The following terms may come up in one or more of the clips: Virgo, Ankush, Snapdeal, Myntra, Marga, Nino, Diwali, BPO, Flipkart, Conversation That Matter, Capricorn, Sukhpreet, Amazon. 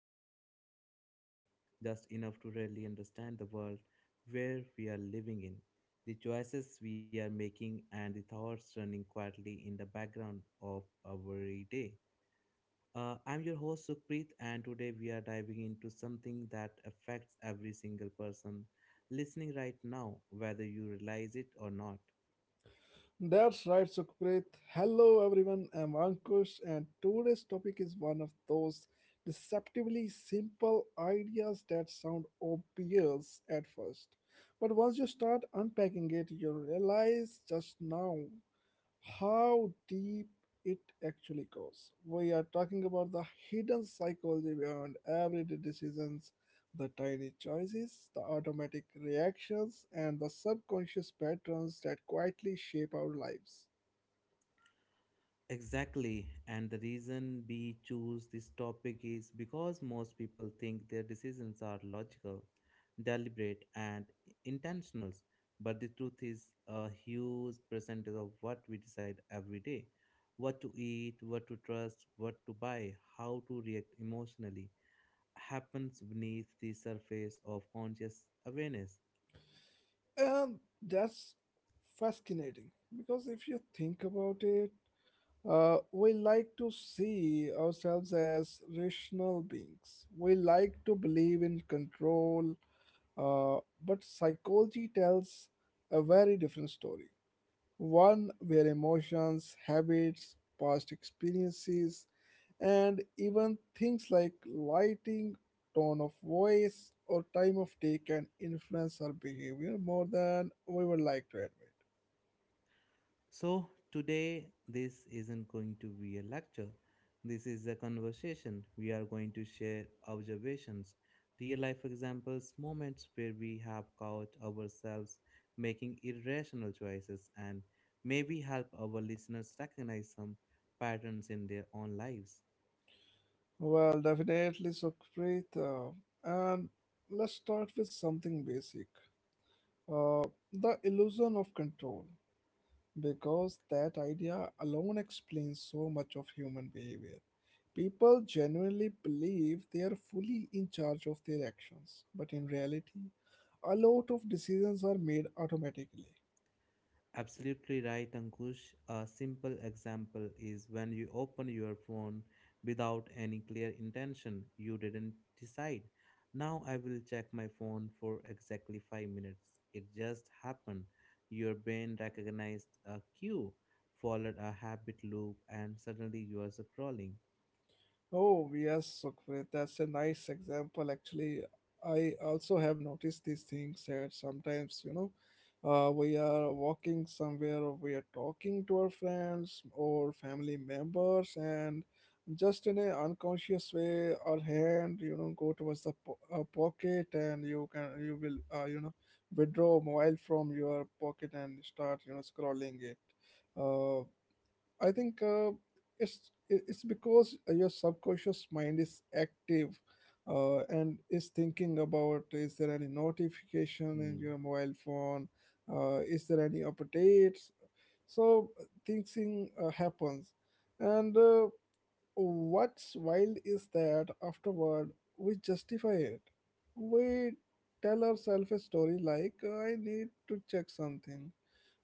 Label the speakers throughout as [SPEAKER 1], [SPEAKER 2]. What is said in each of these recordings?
[SPEAKER 1] where we slow things down just enough to really understand the world where we are living in, the choices we are making, and the thoughts running quietly in the background of our day. I'm your host, Sukhpreet, and today we are diving into something that affects every single person listening right now, whether you realize it or not.
[SPEAKER 2] That's right, Sukhpreet. Hello, everyone. I'm Ankush, and today's topic is one of those deceptively simple ideas that sound obvious at first. But once you start unpacking it, you realize just now how deep it actually goes. We are talking about the hidden psychology behind everyday decisions, the tiny choices, the automatic reactions, and the subconscious patterns that quietly shape our lives.
[SPEAKER 1] Exactly, and the reason we choose this topic is because most people think their decisions are logical, deliberate, and intentional. But the truth is, a huge percentage of what we decide every day, what to eat, what to trust, what to buy, how to react emotionally, happens beneath the surface of conscious awareness.
[SPEAKER 2] And that's fascinating because if you think about it, we like to see ourselves as rational beings. We like to believe in control. But psychology tells a very different story. One where emotions, habits, past experiences, and even things like lighting, tone of voice, or time of day can influence our behavior more than we would like to admit.
[SPEAKER 1] So, today, this isn't going to be a lecture. This is a conversation. We are going to share observations, real life examples, moments where we have caught ourselves making irrational choices, and maybe help our listeners recognize some patterns in their own lives.
[SPEAKER 2] Well, definitely, Sukhpreet. And let's start with something basic, uh, the illusion of control, because that idea alone explains so much of human behavior. People genuinely believe they are fully in charge of their actions, but in reality, a lot of decisions are made automatically.
[SPEAKER 1] Absolutely right, Ankush. A simple example is when you open your phone without any clear intention. You didn't decide. Now I will check my phone for exactly 5 minutes. It just happened. Your brain recognized a cue, followed a habit loop, and suddenly you are scrolling.
[SPEAKER 2] Oh, yes, Sukhpreet, that's a nice example. Actually, I also have noticed these things that sometimes, you know, we are walking somewhere or we are talking to our friends or family members, and just in an unconscious way, our hand, you know, go towards the pocket, and you can, you will, you know, withdraw mobile from your pocket and start, you know, scrolling it. Uh, I think it's it's because your subconscious mind is active, and is thinking about, is there any notification in
[SPEAKER 1] Hmm.
[SPEAKER 2] your mobile phone, is there any updates. So thinking happens, and what's wild is that afterward we justify it. We tell ourselves a story like, I need to check something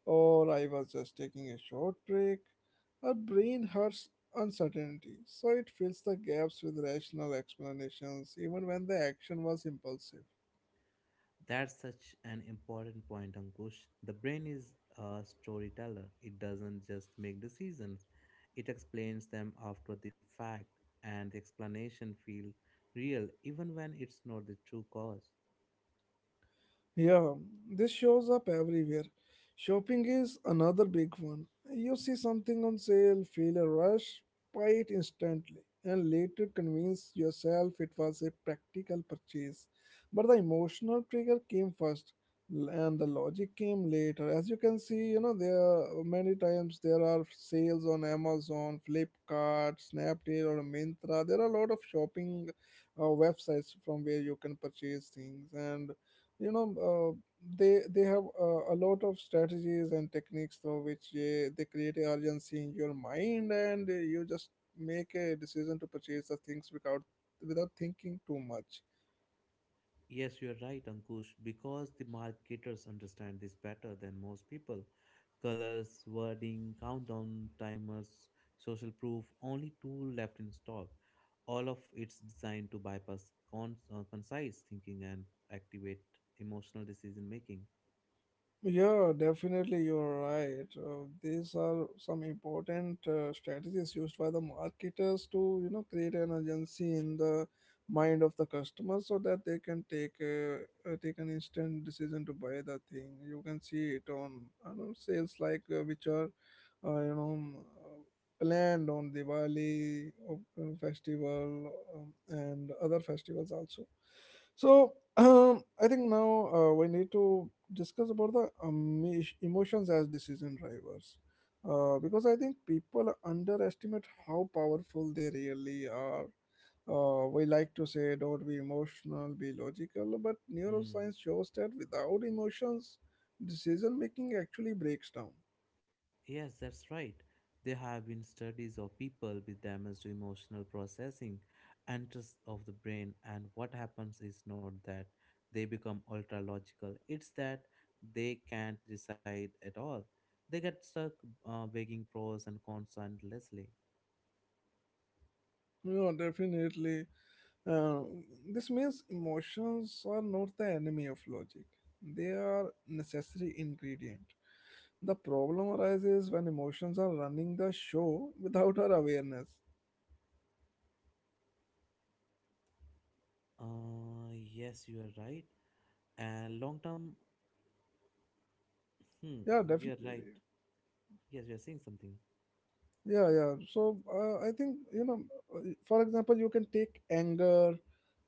[SPEAKER 2] or I was just taking a short break. Our brain hurts uncertainty, so it fills the gaps with rational explanations even when the action was impulsive.
[SPEAKER 1] That's such an important point, Ankush. The brain is a storyteller. It doesn't just make decisions, it explains them after the fact, and the explanation feels real even when it's not the true cause.
[SPEAKER 2] Yeah, this shows up everywhere. Shopping is another big one. You see something on sale, feel a rush, buy it instantly, and later convince yourself it was a practical purchase. But the emotional trigger came first, and the logic came later. As you can see, you know, there are many times there are sales on Amazon, Flipkart, Snapdeal, or Myntra. There are a lot of shopping websites from where you can purchase things, and you know, they have a lot of strategies and techniques through which they create a urgency in your mind, and you just make a decision to purchase the things without thinking too much.
[SPEAKER 1] Yes, you are right, Ankush, because the marketers understand this better than most people. Colors, wording, countdown timers, social proof, only two left in stock. All of it's designed to bypass concise thinking and activate emotional decision making.
[SPEAKER 2] Yeah, definitely, you're right. These are some important strategies used by the marketers to, you know, create an urgency in the mind of the customer so that they can take a, take an instant decision to buy the thing. You can see it on, I don't know, sales like which are, you know, planned on Diwali festival, and other festivals also. So I think now we need to discuss about the emotions as decision drivers. Because I think people underestimate how powerful they really are. We like to say don't be emotional, be logical, but neuroscience shows that without emotions, decision making actually breaks down.
[SPEAKER 1] Yes, that's right. There have been studies of people with damage to emotional processing and trust of the brain, and what happens is not that they become ultra logical, it's that they can't decide at all. They get stuck weighing pros and cons endlessly.
[SPEAKER 2] You know, definitely. Uh, this means emotions are not the enemy of logic. They are necessary ingredient. The problem arises when emotions are running the show without our awareness.
[SPEAKER 1] Yes, you are right. And long term, hmm,
[SPEAKER 2] Yeah,
[SPEAKER 1] you are right.
[SPEAKER 2] definitely.
[SPEAKER 1] Yes, you are saying something.
[SPEAKER 2] Yeah, yeah, so I think, you know, uh, for example, you can take anger,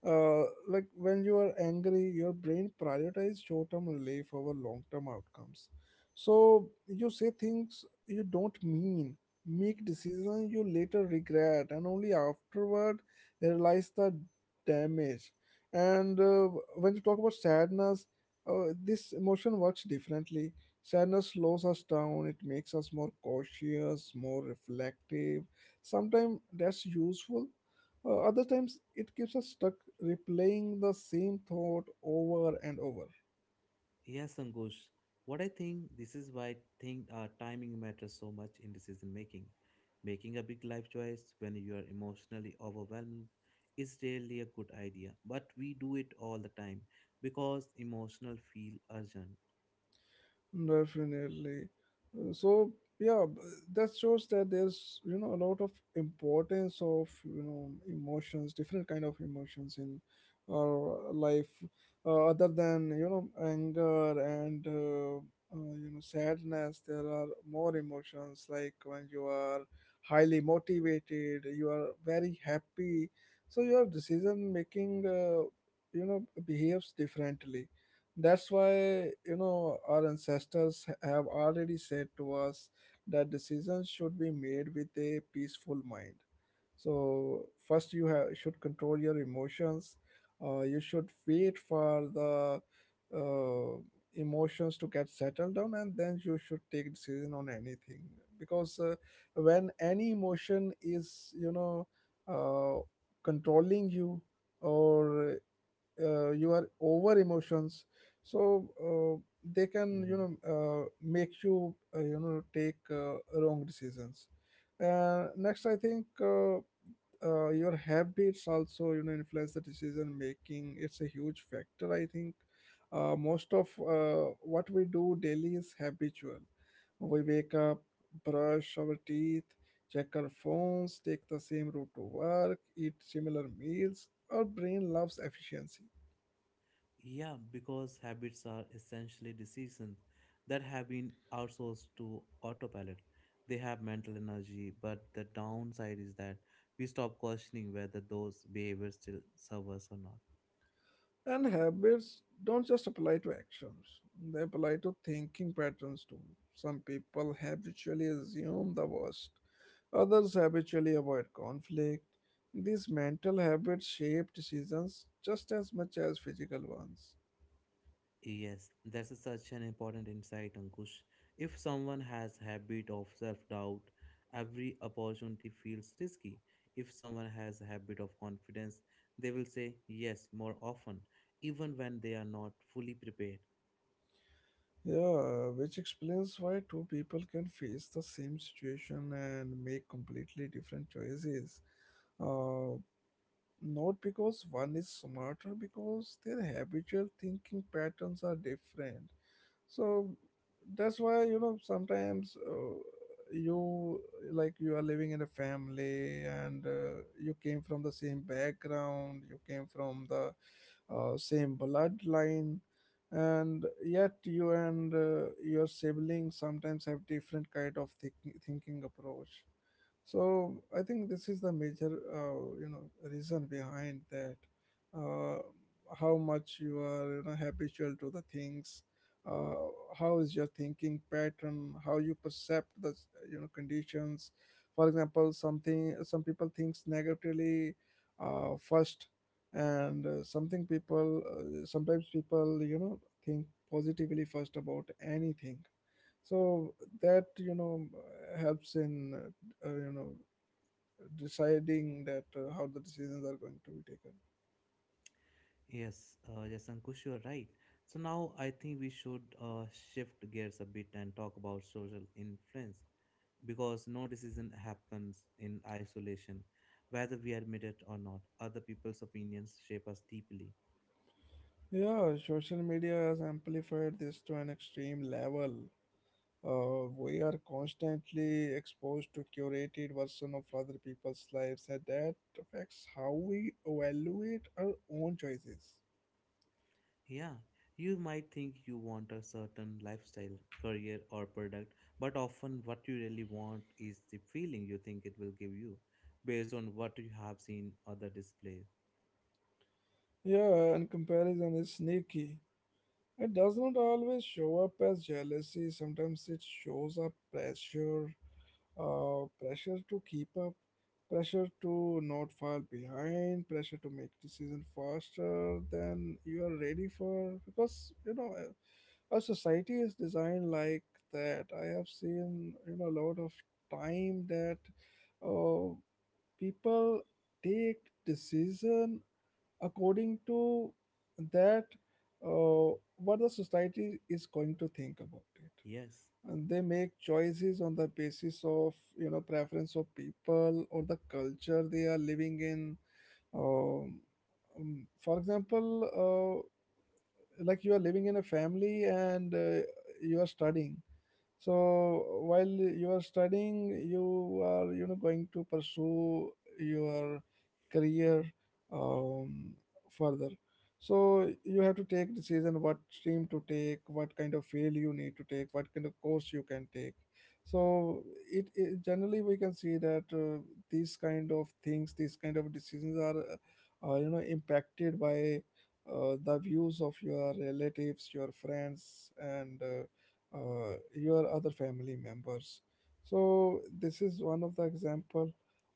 [SPEAKER 2] uh, like when you are angry, your brain prioritizes short-term relief over long-term outcomes, so you say things you don't mean, make decisions you later regret, and only afterward realize the damage. And when you talk about sadness, this emotion works differently. Sadness slows us down, it makes us more cautious, more reflective. Sometimes that's useful, other times it keeps us stuck replaying the same thought over and over.
[SPEAKER 1] Yes, Ankush. What I think this is why I think timing matters so much in decision making. Making a big life choice when you are emotionally overwhelmed is rarely a good idea, but we do it all the time because emotional feel urgent.
[SPEAKER 2] Definitely. So yeah, that shows that there's, you know, a lot of importance of, you know, emotions, different kind of emotions in our life, other than, you know, anger and you know, sadness. There are more emotions like when you are highly motivated, you are very happy, so your decision making you know behaves differently. That's why, you know, our ancestors have already said to us that decisions should be made with a peaceful mind. So, first, you have, should control your emotions. You should wait for the uh, emotions to get settled down, and then you should take decision on anything. Because when any emotion is, you know, uh, controlling you, or your over emotions, so they can, you
[SPEAKER 1] Hmm.
[SPEAKER 2] know, make you, you know, take, wrong decisions. Next, I think your habits also, you know, influence the decision making. It's a huge factor, I think. Most of what we do daily is habitual. We wake up, brush our teeth, check our phones, take the same route to work, eat similar meals. Our brain loves efficiency.
[SPEAKER 1] Yeah, because habits are essentially decisions that have been outsourced to autopilot. They have mental energy, but the downside is that we stop questioning whether those behaviors still serve us or not.
[SPEAKER 2] And habits don't just apply to actions, they apply to thinking patterns too. Some people habitually assume the worst, others habitually avoid conflict. These mental habits shape decisions just as much as physical ones.
[SPEAKER 1] Yes, such an important insight, Ankush. If someone has habit of self-doubt, every opportunity feels risky. If someone has a habit of confidence, they will say yes more often, even when they are not fully prepared.
[SPEAKER 2] Yeah, which explains why two people can face the same situation and make completely different choices. Uh, Not because one is smarter, because their habitual thinking patterns are different. So that's why, you know, sometimes, you like you are living in a family, and you came from the same background, you came from the same bloodline, and yet you and your siblings sometimes have different kind of thinking approach. So I think this is the major, you know, reason behind that. Uh, how much you are, you know, habitual to the things. Uh, how is your thinking pattern? How you perceive the, you know, conditions. For example, something some people thinks negatively first, and something people sometimes people, you know, think positively first about anything, so that, you know, helps in you know, deciding that how the decisions are going to be taken.
[SPEAKER 1] Yes, Ankush, you are right. So now I think we should shift gears a bit and talk about social influence because no decision happens in isolation. Whether we admit it or not, other people's opinions shape us deeply.
[SPEAKER 2] Yeah, social media has amplified this to an extreme level. We are constantly exposed to curated version of other people's lives, and that affects how we evaluate our own choices.
[SPEAKER 1] Yeah, you might think you want a certain lifestyle, career, or product, but often what you really want is the feeling you think it will give you based on what you have seen other display.
[SPEAKER 2] Yeah, and comparison is sneaky. It does not always show up as jealousy, sometimes it shows up pressure, pressure to keep up, pressure to not fall behind, pressure to make decision faster than you are ready for. Because you know, our society is designed like that. I have seen, you know, a lot of time that uh, people take decision according to that, uh, what the society is going to think about it,
[SPEAKER 1] Yes.
[SPEAKER 2] and they make choices on the basis of, you know, preference of people or the culture they are living in. um, for example, like you are living in a family, and you are studying, so while you are studying, you are, you know, going to pursue your career, um, further. So you have to take decision what stream to take, what kind of field you need to take, what kind of course you can take. So it generally we can see that these kind of things, these kind of decisions are you know impacted by the views of your relatives, your friends, and your other family members. So this is one of the example.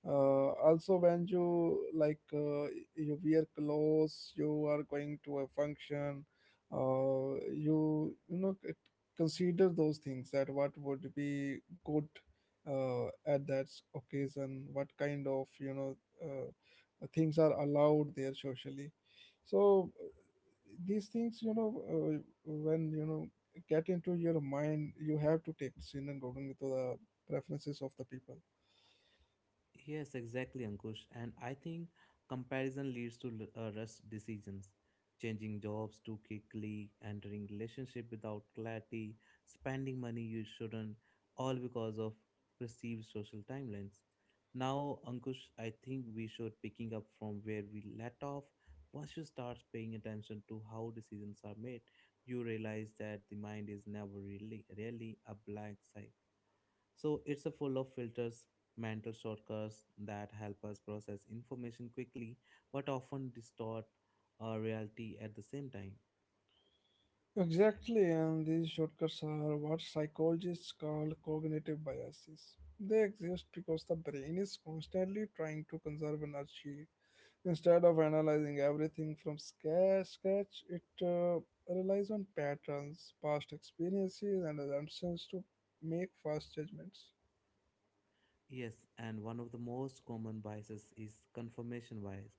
[SPEAKER 2] Also when you like, you wear clothes, you are going to a function, uh, you know consider those things that what would be good at that occasion, what kind of, you know, things are allowed there socially. So these things, you know, when you know get into your mind, you have to take decision according to the preferences of the people.
[SPEAKER 1] Yes, exactly, Ankush. And I think comparison leads to rush decisions, changing jobs too quickly, entering relationship without clarity, spending money you shouldn't, all because of perceived social timelines. Now, Ankush, I think we should picking up from where we let off. Once you start paying attention to how decisions are made, you realize that the mind is never really a blank slate, so it's a full of filters, mental shortcuts that help us process information quickly but often distort our reality at the same time.
[SPEAKER 2] Exactly, and these shortcuts are what psychologists call cognitive biases. They exist because the brain is constantly trying to conserve energy. Instead of analyzing everything from scratch, it uh, relies on patterns, past experiences, and assumptions to make fast judgments.
[SPEAKER 1] Yes, and one of the most common biases is confirmation bias,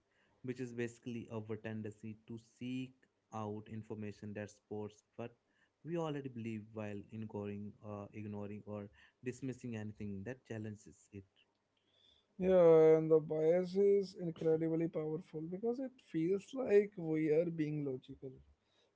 [SPEAKER 1] which is basically our tendency to seek out information that supports what we already believe while ignoring or dismissing anything that challenges it.
[SPEAKER 2] Yeah, and the bias is incredibly powerful because it feels like we are being logical.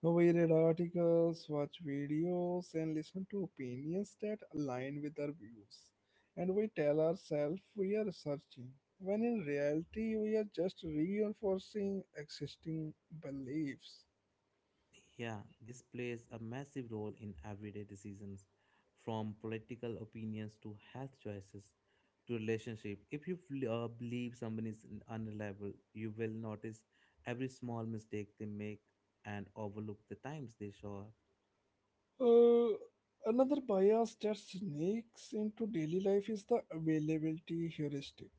[SPEAKER 2] We read articles, watch videos, and listen to opinions that align with our views. And we tell ourselves we are searching, when in reality, we are just reinforcing existing beliefs.
[SPEAKER 1] Yeah, this plays a massive role in everyday decisions, from political opinions to health choices to relationship. If you believe someone is unreliable, you will notice every small mistake they make and overlook the times they show up.
[SPEAKER 2] Uh, Another bias that sneaks into daily life is the availability heuristic.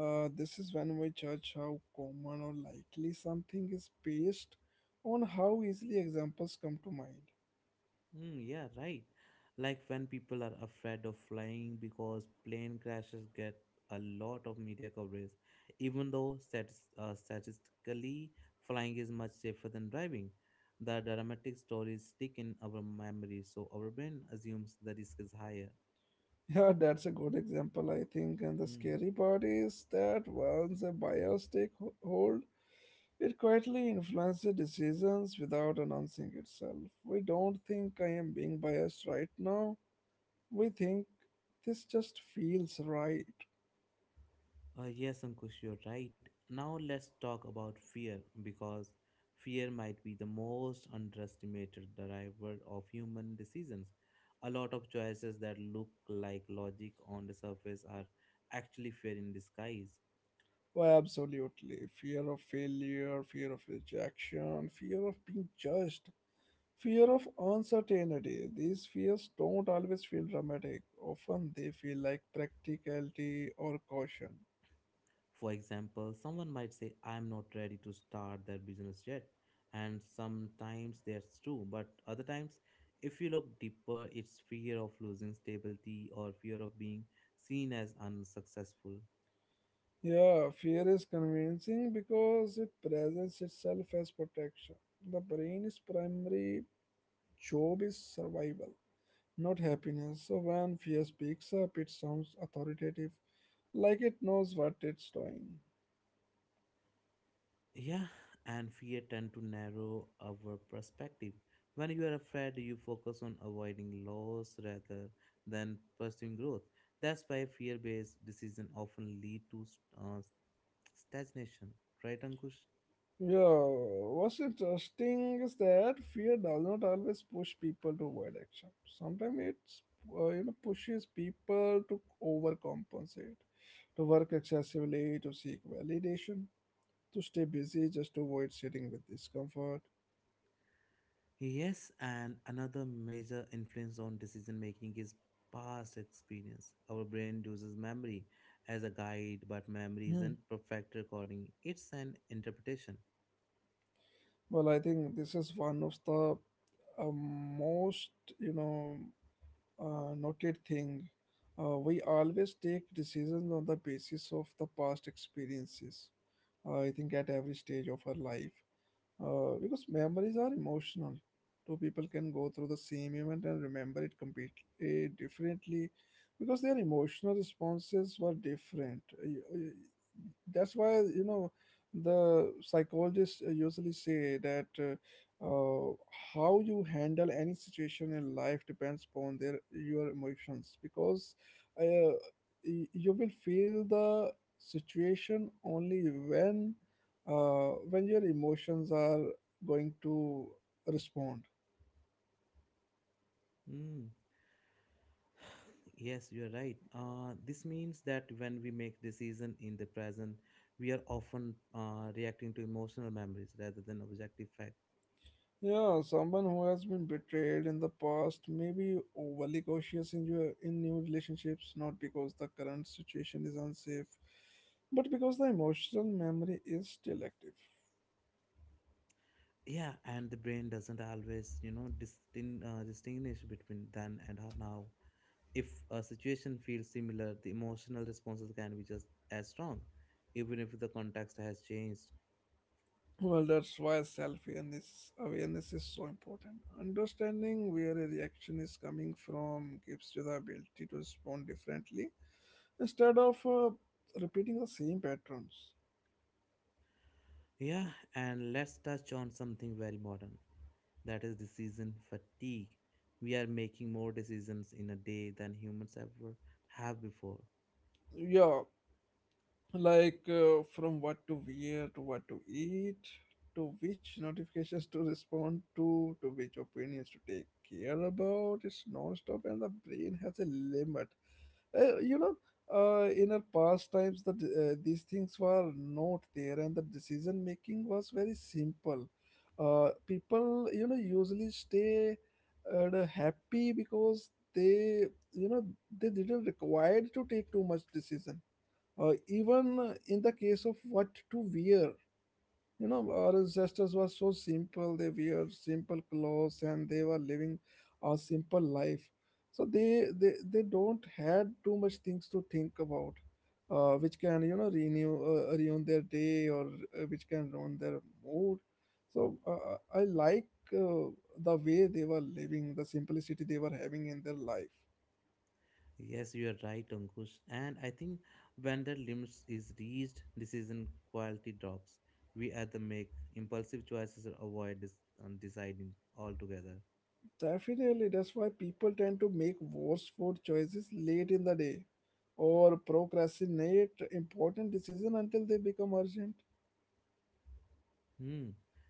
[SPEAKER 2] This is when we judge how common or likely something is based on how easily examples come to mind.
[SPEAKER 1] Mm, yeah, right. Like when people are afraid of flying because plane crashes get a lot of media coverage, even though stats statistically flying is much safer than driving. The dramatic stories stick in our memory, so our brain assumes the risk is higher.
[SPEAKER 2] Yeah, that's a good example, I think. And the
[SPEAKER 1] Hmm.
[SPEAKER 2] scary part is that once a bias hold, it quietly influences decisions without announcing itself. We don't think I am being biased right now, we think this just feels right.
[SPEAKER 1] Yes, Ankush, you're right. Now let's talk about fear because fear might be the most underestimated driver of human decisions. A lot of choices that look like logic on the surface are actually fear in disguise.
[SPEAKER 2] Why, absolutely. Fear of failure, fear of rejection, fear of being judged, fear of uncertainty. These fears don't always feel dramatic. Often they feel like practicality or caution.
[SPEAKER 1] For example, someone might say, I'm not ready to start that business yet. And sometimes that's true, but other times, if you look deeper, it's fear of losing stability or fear of being seen as unsuccessful.
[SPEAKER 2] Yeah, fear is convincing because it presents itself as protection. The brain's primary job is survival, not happiness. So when fear speaks up, it sounds authoritative, like it knows what it's doing.
[SPEAKER 1] Yeah, and fear tend to narrow our perspective. When you are afraid, you focus on avoiding loss rather than pursuing growth. That's why fear-based decision often lead to stagnation, right, Ankush?
[SPEAKER 2] Yeah, what's interesting is that fear does not always push people to avoid action. Sometimes it's you know pushes people to overcompensate, to work excessively, to seek validation, to stay busy just to avoid sitting with discomfort.
[SPEAKER 1] Yes, and another major influence on decision making is past experience. Our brain uses memory as a guide, but memory isn't
[SPEAKER 2] Hmm.
[SPEAKER 1] perfect recording. It's an interpretation.
[SPEAKER 2] Well, I think this is one of the most you know noted thing. We always take decisions on the basis of the past experiences. I think at every stage of our life, because memories are emotional. Two people can go through the same event and remember it completely differently because their emotional responses were different. That's why, you know, the psychologists usually say that uh, how you handle any situation in life depends upon their your emotions because uh, you will feel the situation only when your emotions are going to respond.
[SPEAKER 1] Yes, you are right. This means that when we make decision in the present, we are often reacting to emotional memories rather than objective fact.
[SPEAKER 2] Yeah, someone who has been betrayed in the past may be overly cautious in your in new relationships, not because the current situation is unsafe, but because the emotional memory is still active.
[SPEAKER 1] Yeah, and the brain doesn't always, you know, distinguish between then and now. If a situation feels similar, the emotional responses can be just as strong, even if the context has changed.
[SPEAKER 2] Well, that's why self-awareness awareness is so important. Understanding where a reaction is coming from gives you the ability to respond differently instead of repeating the same patterns.
[SPEAKER 1] Yeah, and let's touch on something very modern. That is decision fatigue. We are making more decisions in a day than humans ever have before.
[SPEAKER 2] Yeah, like from what to wear to what to eat to which notifications to respond to which opinions to take care about, it's non-stop and the brain has a limit. uh, you know in our past times, that these things were not there and the decision making was very simple. People, you know, usually stay happy because they you know they didn't required to take too much decision, even in the case of what to wear. You know, our ancestors were so simple. They wear simple clothes and they were living a simple life. So they don't had too much things to think about, which can, you know, renew, ruin their day, or which can ruin their mood. So I like uh, the way they were living, the simplicity they were having in their life.
[SPEAKER 1] Yes, you are right, Ankush. And I think when the limits is reached, decision quality drops. We either make impulsive choices or avoid deciding altogether.
[SPEAKER 2] Definitely, that's why people tend to make worse food choices late in the day or procrastinate important decisions until they become urgent.
[SPEAKER 1] Hmm.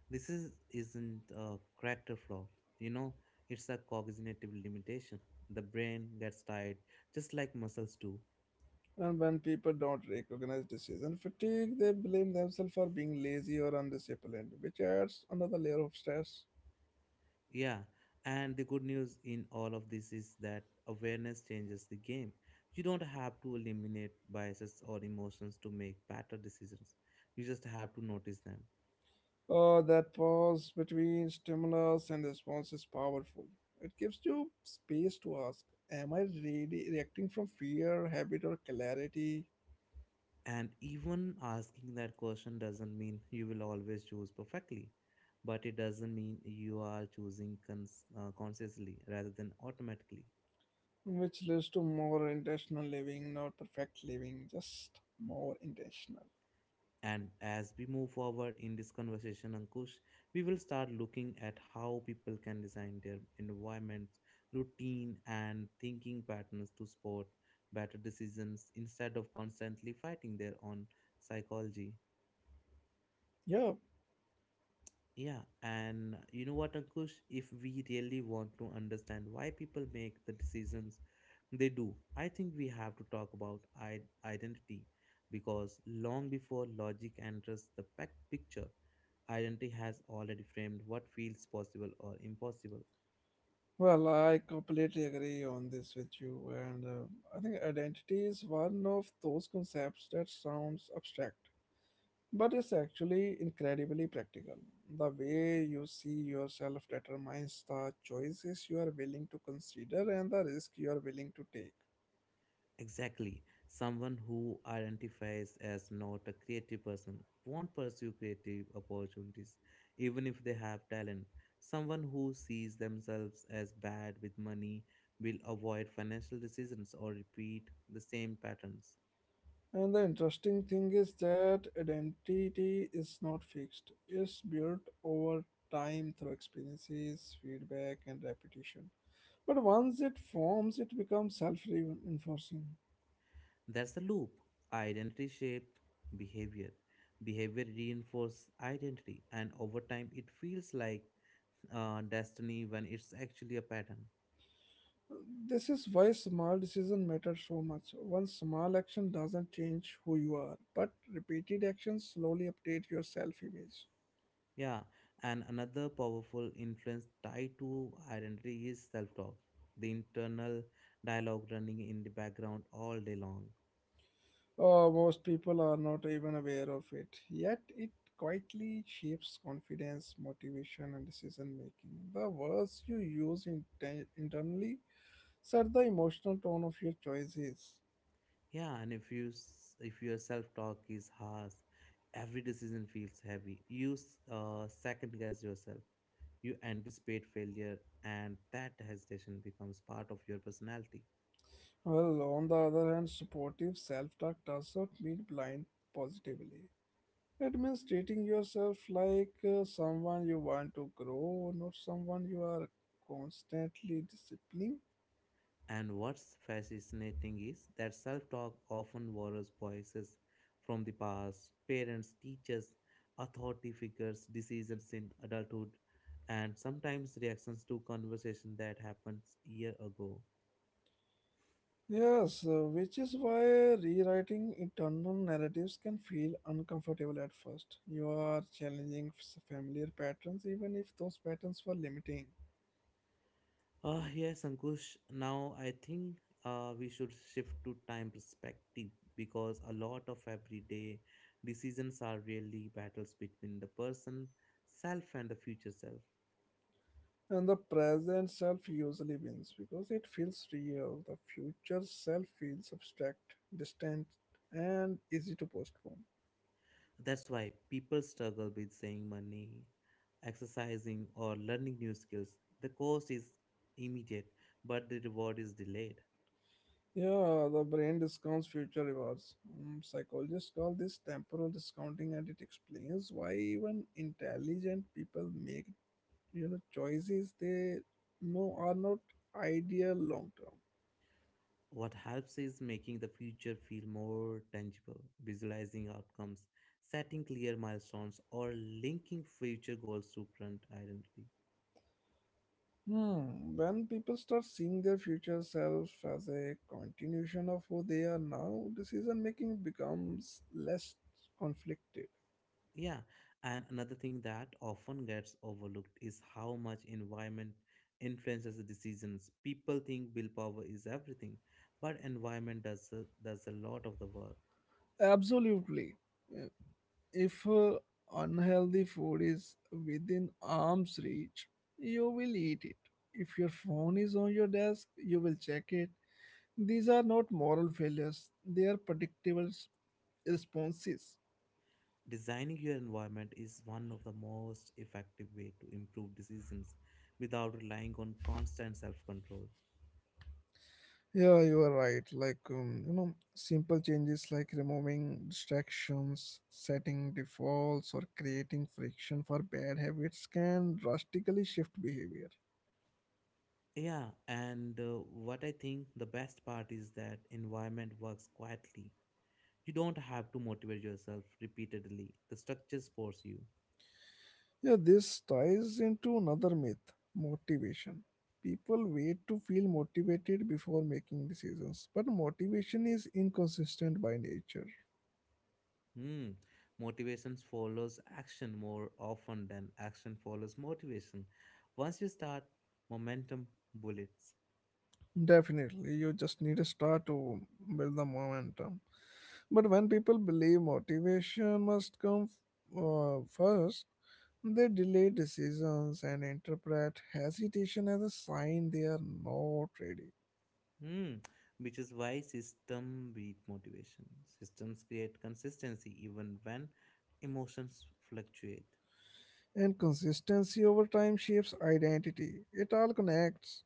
[SPEAKER 1] This is isn't a character flaw. You know, it's a cognitive limitation. The brain gets tired, just like muscles do.
[SPEAKER 2] And when people don't recognize decision fatigue, they blame themselves for being lazy or undisciplined, which adds another layer of stress.
[SPEAKER 1] Yeah, and the good news in all of this is that awareness changes the game. You don't have to eliminate biases or emotions to make better decisions. You just have to notice them.
[SPEAKER 2] That pause between stimulus and response is powerful. It gives you space to ask, am I really reacting from fear, habit, or clarity?
[SPEAKER 1] And even asking that question doesn't mean you will always choose perfectly, but it doesn't mean you are choosing consciously rather than automatically.
[SPEAKER 2] Which leads to more intentional living, not perfect living, just more intentional.
[SPEAKER 1] And as we move forward in this conversation, Ankush, we will start looking at how people can design their environments, routine, and thinking patterns to support better decisions instead of constantly fighting their own psychology.
[SPEAKER 2] Yeah,
[SPEAKER 1] Yeah, and you know what, Ankush? If we really want to understand why people make the decisions they do, I think we have to talk about identity because long before logic enters the picture, identity has already framed what feels possible or impossible.
[SPEAKER 2] well, I completely agree on this with you, and I think identity is one of those concepts that sounds abstract, but it's actually incredibly practical. The way you see yourself determines the choices you are willing to consider and the risk you are willing to take.
[SPEAKER 1] Exactly. Someone who identifies as not a creative person won't pursue creative opportunities, even if they have talent. Someone who sees themselves as bad with money will avoid financial decisions or repeat the same patterns.
[SPEAKER 2] And the interesting thing is that identity is not fixed, it's built over time through experiences, feedback, and repetition. But once it forms, it becomes self reinforcing.
[SPEAKER 1] That's the loop. Identity shape behavior. Behavior reinforces identity, and over time, it feels like destiny when it's actually a pattern.
[SPEAKER 2] This is why small decisions matter so much. One small action doesn't change who you are, but repeated actions slowly update your self image.
[SPEAKER 1] Yeah, and another powerful influence tied to identity is self talk, the internal dialogue running in the background all day long.
[SPEAKER 2] Oh, most people are not even aware of it, yet it quietly shapes confidence, motivation, and decision making. The words you use internally set the emotional tone of your choices.
[SPEAKER 1] Yeah, and if your self talk is harsh, every decision feels heavy. Second guess yourself. You anticipate failure, and that hesitation becomes part of your personality.
[SPEAKER 2] Well, on the other hand, supportive self talk does not mean blind positively. It means treating yourself like someone you want to grow, not someone you are constantly disciplining.
[SPEAKER 1] And what's fascinating is that self talk often borrows voices from the past, parents, teachers, authority figures, decisions in adulthood, and sometimes reactions to conversation that happens year ago.
[SPEAKER 2] Yes, which is why rewriting internal narratives can feel uncomfortable at first. You are challenging familiar patterns, even if those patterns were limiting.
[SPEAKER 1] Ah, yes, Ankush. Now I think we should shift to time perspective because a lot of everyday decisions are really battles between the person self and the future self.
[SPEAKER 2] And the present self usually wins because it feels real. The future self feels abstract, distant, and easy to postpone.
[SPEAKER 1] That's why people struggle with saving money, exercising, or learning new skills. The cost is immediate, but the reward is delayed.
[SPEAKER 2] Yeah, the brain discounts future rewards. Mm, psychologists call this temporal discounting, and it explains why even intelligent people make choices they know are not ideal long term.
[SPEAKER 1] What helps is making the future feel more tangible, visualizing outcomes, setting clear milestones, or linking future goals to current identity.
[SPEAKER 2] Hmm. When people start seeing their future self as a continuation of who they are now, decision making becomes less conflicted.
[SPEAKER 1] Yeah, and another thing that often gets overlooked is how much environment influences the decisions. People think willpower is everything, but environment does a lot of the work.
[SPEAKER 2] Absolutely. Yeah. If unhealthy food is within arm's reach, you will eat it. If your phone is on your desk, you will check it. These are not moral failures. They are predictable responses.
[SPEAKER 1] Designing your environment is one of the most effective way to improve decisions without relying on constant self-control.
[SPEAKER 2] Yeah, you are right. Like, you know, simple changes like removing distractions, setting defaults, or creating friction for bad habits can drastically shift behavior.
[SPEAKER 1] Yeah, and what I think the best part is that environment works quietly. You don't have to motivate yourself repeatedly. The structures force you.
[SPEAKER 2] Yeah, this ties into another myth motivation. People wait to feel motivated before making decisions, but motivation is inconsistent by nature.
[SPEAKER 1] Hmm. Motivation follows action more often than action follows motivation. Once you start, momentum bullets.
[SPEAKER 2] Definitely, you just need to start to build the momentum. But when people believe motivation must come first, they delay decisions and interpret hesitation as a sign they are not ready.
[SPEAKER 1] Hmm. Which is why system beat motivation. Systems create consistency even when emotions fluctuate.
[SPEAKER 2] And consistency over time shapes identity. It all connects.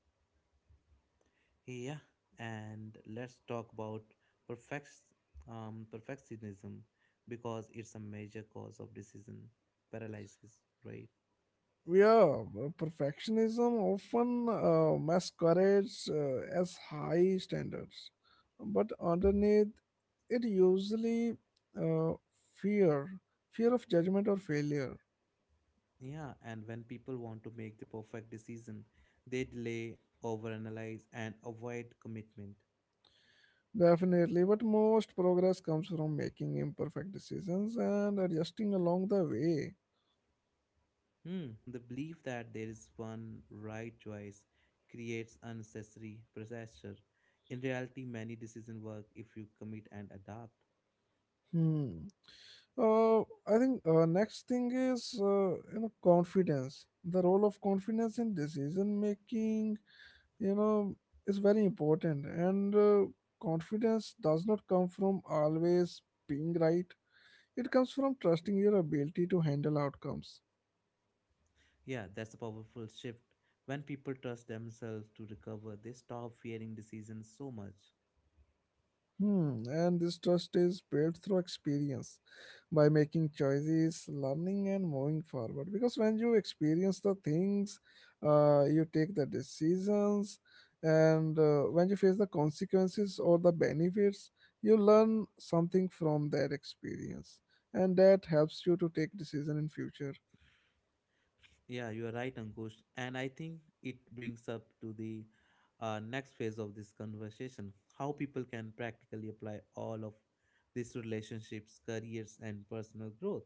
[SPEAKER 1] Yeah, and let's talk about perfect, perfectionism because it's a major cause of decision paralysis, right?
[SPEAKER 2] Yeah, perfectionism often masquerades as high standards, but underneath it usually, uh, fear, fear of judgment or failure.
[SPEAKER 1] Yeah, and when people want to make the perfect decision, they delay, overanalyze, and avoid commitment.
[SPEAKER 2] Definitely, but most progress comes from making imperfect decisions and adjusting along the way.
[SPEAKER 1] Hmm, the belief that there is one right choice creates unnecessary pressure. In reality, many decisions work if you commit and adapt.
[SPEAKER 2] Hmm. Uh, I think next thing is you know confidence. The role of confidence in decision making, you know, is very important. And confidence does not come from always being right. It comes from trusting your ability to handle outcomes.
[SPEAKER 1] Yeah, that's a powerful shift. When people trust themselves to recover, they stop fearing decisions so much.
[SPEAKER 2] Hmm. And this trust is built through experience by making choices, learning, and moving forward. Because when you experience the things, you take the decisions, and when you face the consequences or the benefits, you learn something from that experience, and that helps you to take decision in future.
[SPEAKER 1] Yeah, you are right, Ankush. And I think it brings up to the next phase of this conversation, how people can practically apply all of these relationships, careers, and personal growth.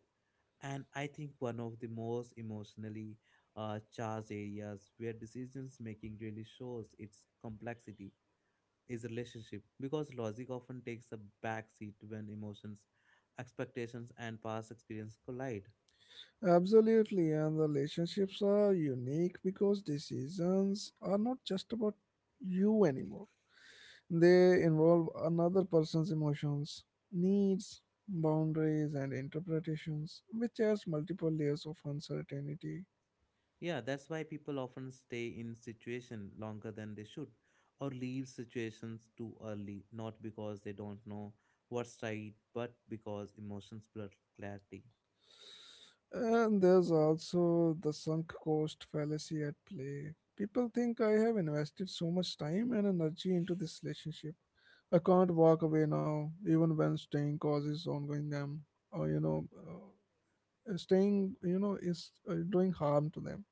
[SPEAKER 1] And I think one of the most emotionally charged areas where decisions making really shows its complexity is relationship, because logic often takes a back seat when emotions, expectations, and past experience collide.
[SPEAKER 2] Absolutely, and the relationships are unique because decisions are not just about you anymore. They involve another person's emotions, needs, boundaries, and interpretations, which adds multiple layers of uncertainty.
[SPEAKER 1] Yeah, that's why people often stay in situation longer than they should or leave situations too early, not because they don't know what's right, but because emotions blur clarity.
[SPEAKER 2] And there's also the sunk cost fallacy at play. People think I have invested so much time and energy into this relationship. I can't walk away now, even when staying causes ongoing them, or you know, staying, you know, is doing harm to them.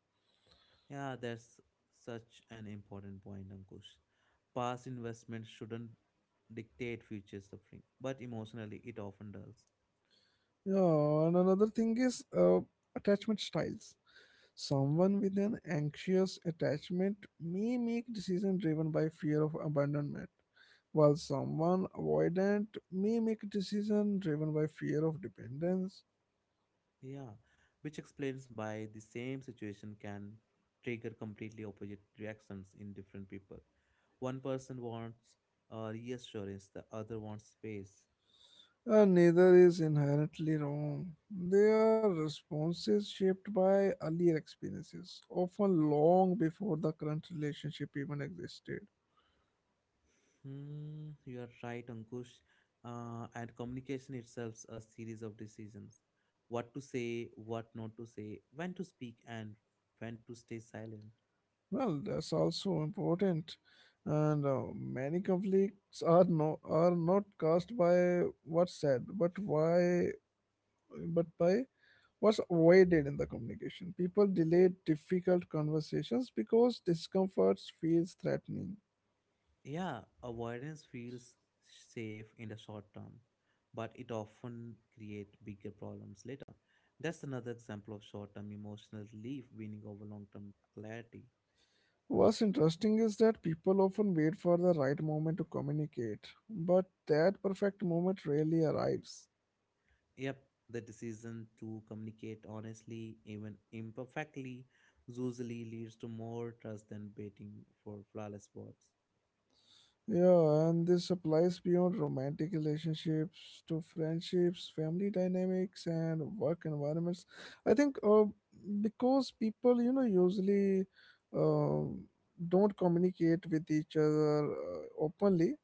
[SPEAKER 1] Yeah, that's such an important point, Ankush. Past investment shouldn't dictate future suffering, but emotionally it often does.
[SPEAKER 2] Yeah, and another thing is attachment styles. Someone with an anxious attachment may make decisions driven by fear of abandonment, while someone avoidant may make decisions driven by fear of dependence.
[SPEAKER 1] Yeah, which explains why the same situation can trigger completely opposite reactions in different people. One person wants reassurance, the other wants space.
[SPEAKER 2] Neither is inherently wrong. They are responses shaped by earlier experiences, often long before the current relationship even existed.
[SPEAKER 1] Hmm, you are right, Ankush. And communication itself a series of decisions. What to say, what not to say, when to speak, and when to stay silent.
[SPEAKER 2] Well, that's also important. And many conflicts are are not caused by what's said, but why, but by what's avoided in the communication. People delay difficult conversations because discomfort feels threatening.
[SPEAKER 1] Yeah, avoidance feels safe in the short term, but it often creates bigger problems later. That's another example of short term emotional relief winning over long term clarity.
[SPEAKER 2] What's interesting is that people often wait for the right moment to communicate, but that perfect moment rarely arrives.
[SPEAKER 1] Yep, the decision to communicate honestly, even imperfectly, usually leads to more trust than waiting for flawless words.
[SPEAKER 2] Yeah, and this applies beyond romantic relationships to friendships, family dynamics, and work environments. I think because people, you know, usually um don't communicate with each other openly,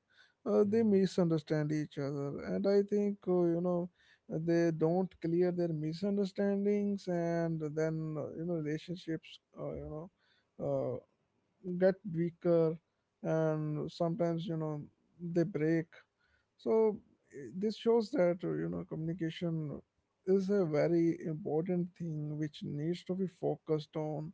[SPEAKER 2] they
[SPEAKER 1] Hmm.
[SPEAKER 2] misunderstand each other. And I think, you know, they don't clear their misunderstandings, and then, you know, relationships, you know, uh, get weaker, and sometimes, you know, they break. So eh, this shows that, you know, communication is a very important thing which needs to be focused on,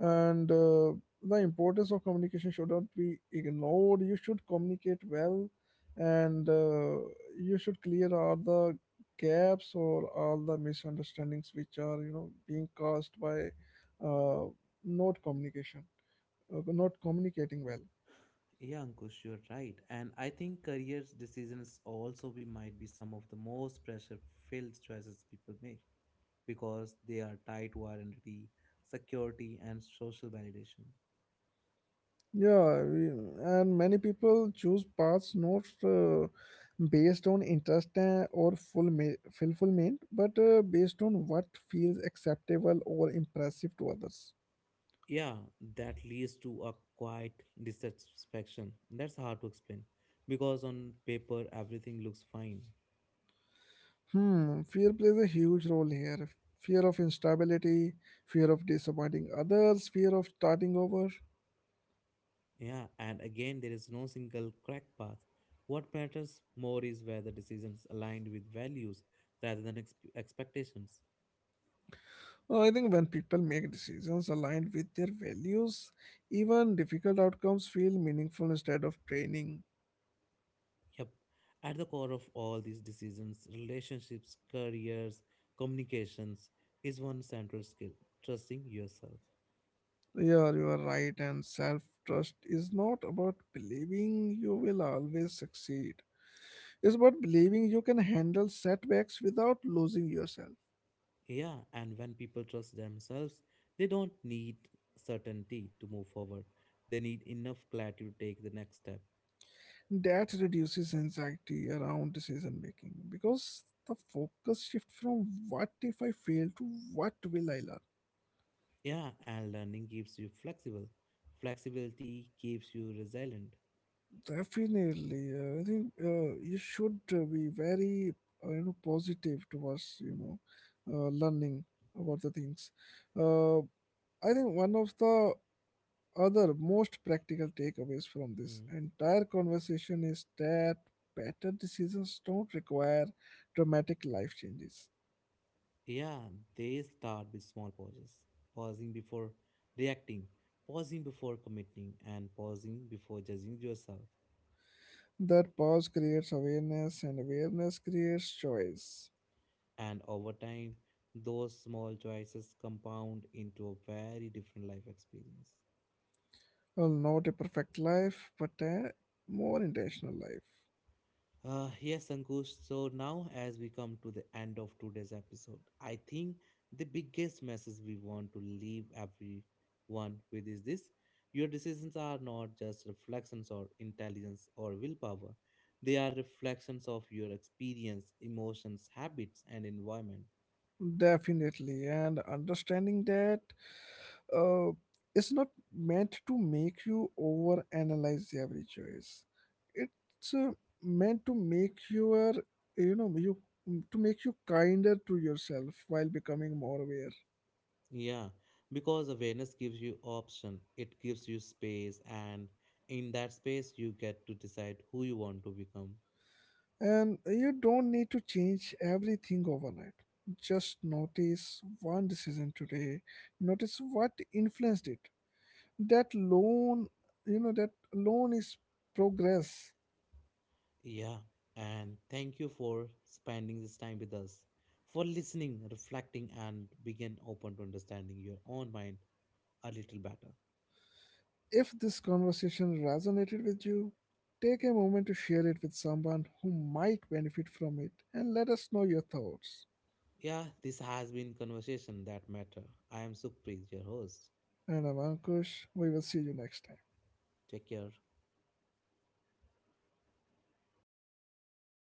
[SPEAKER 2] and the importance of communication should not be ignored. You should communicate well, and you should clear all the gaps or all the misunderstandings which are, you know, being caused by uh, not communication, not communicating well.
[SPEAKER 1] Yeah, Ankush, you're right. And I think career decisions also be might be some of the most pressure filled choices people make because they are tied to identity, security, and social validation.
[SPEAKER 2] Yeah, and many people choose paths not based on interest or fulfillment, but based on what feels acceptable or impressive to others.
[SPEAKER 1] Yeah, that leads to a quiet dissatisfaction. That's hard to explain because on paper everything looks fine.
[SPEAKER 2] Hmm, fear plays a huge role here. Fear of instability, fear of disappointing others, fear of starting over.
[SPEAKER 1] Yeah, and again, there is no single crack path. What matters more is whether decisions aligned with values rather than expectations.
[SPEAKER 2] I think when people make decisions aligned with their values, even difficult outcomes feel meaningful instead of draining.
[SPEAKER 1] Yep. At the core of all these decisions, relationships, careers, communications is one central skill, trusting yourself.
[SPEAKER 2] Yeah, you are right. And self trust is not about believing you will always succeed, it's about believing you can handle setbacks without losing yourself.
[SPEAKER 1] Yeah, and when people trust themselves, they don't need certainty to move forward. They need enough clarity to take the next step.
[SPEAKER 2] That reduces anxiety around decision making because the focus shifts from what if I fail to what will I learn.
[SPEAKER 1] Yeah, and learning keeps you flexible. Flexibility keeps you resilient.
[SPEAKER 2] Definitely, I think you should be very you know positive towards learning about the things. Uh, I think one of the other most practical takeaways from this
[SPEAKER 1] Hmm.
[SPEAKER 2] entire conversation is that better decisions don't require dramatic life changes.
[SPEAKER 1] Yeah, they start with small pauses. Pausing before reacting, pausing before committing, and pausing before judging yourself.
[SPEAKER 2] That pause creates awareness, and awareness creates choice.
[SPEAKER 1] And over time, those small choices compound into a very different life experience.
[SPEAKER 2] Well, not a perfect life, but a more intentional life.
[SPEAKER 1] Yes, Ankush. So now, as we come to the end of today's episode, I think the biggest message we want to leave everyone with is this, your decisions are not just reflections or intelligence or willpower, they are reflections of your experience, emotions, habits, and environment.
[SPEAKER 2] Definitely, and understanding that uh, it's not meant to make you overanalyze every choice. It's meant to you know you make you kinder to yourself while becoming more aware.
[SPEAKER 1] Yeah, because awareness gives you option, it gives you space, and in that space, you get to decide who you want to become.
[SPEAKER 2] And you don't need to change everything overnight. Just notice one decision today. Notice what influenced it. That loan, you know, that loan is progress.
[SPEAKER 1] Yeah, and thank you for spending this time with us, for listening, reflecting, and begin open to understanding your own mind a little better.
[SPEAKER 2] If this conversation resonated with you, take a moment to share it with someone who might benefit from it and let us know your thoughts.
[SPEAKER 1] Yeah, this has been Conversation That Matter. I am Sukhpreet, your host.
[SPEAKER 2] And I'm Ankush. We will see you next time.
[SPEAKER 1] Take care.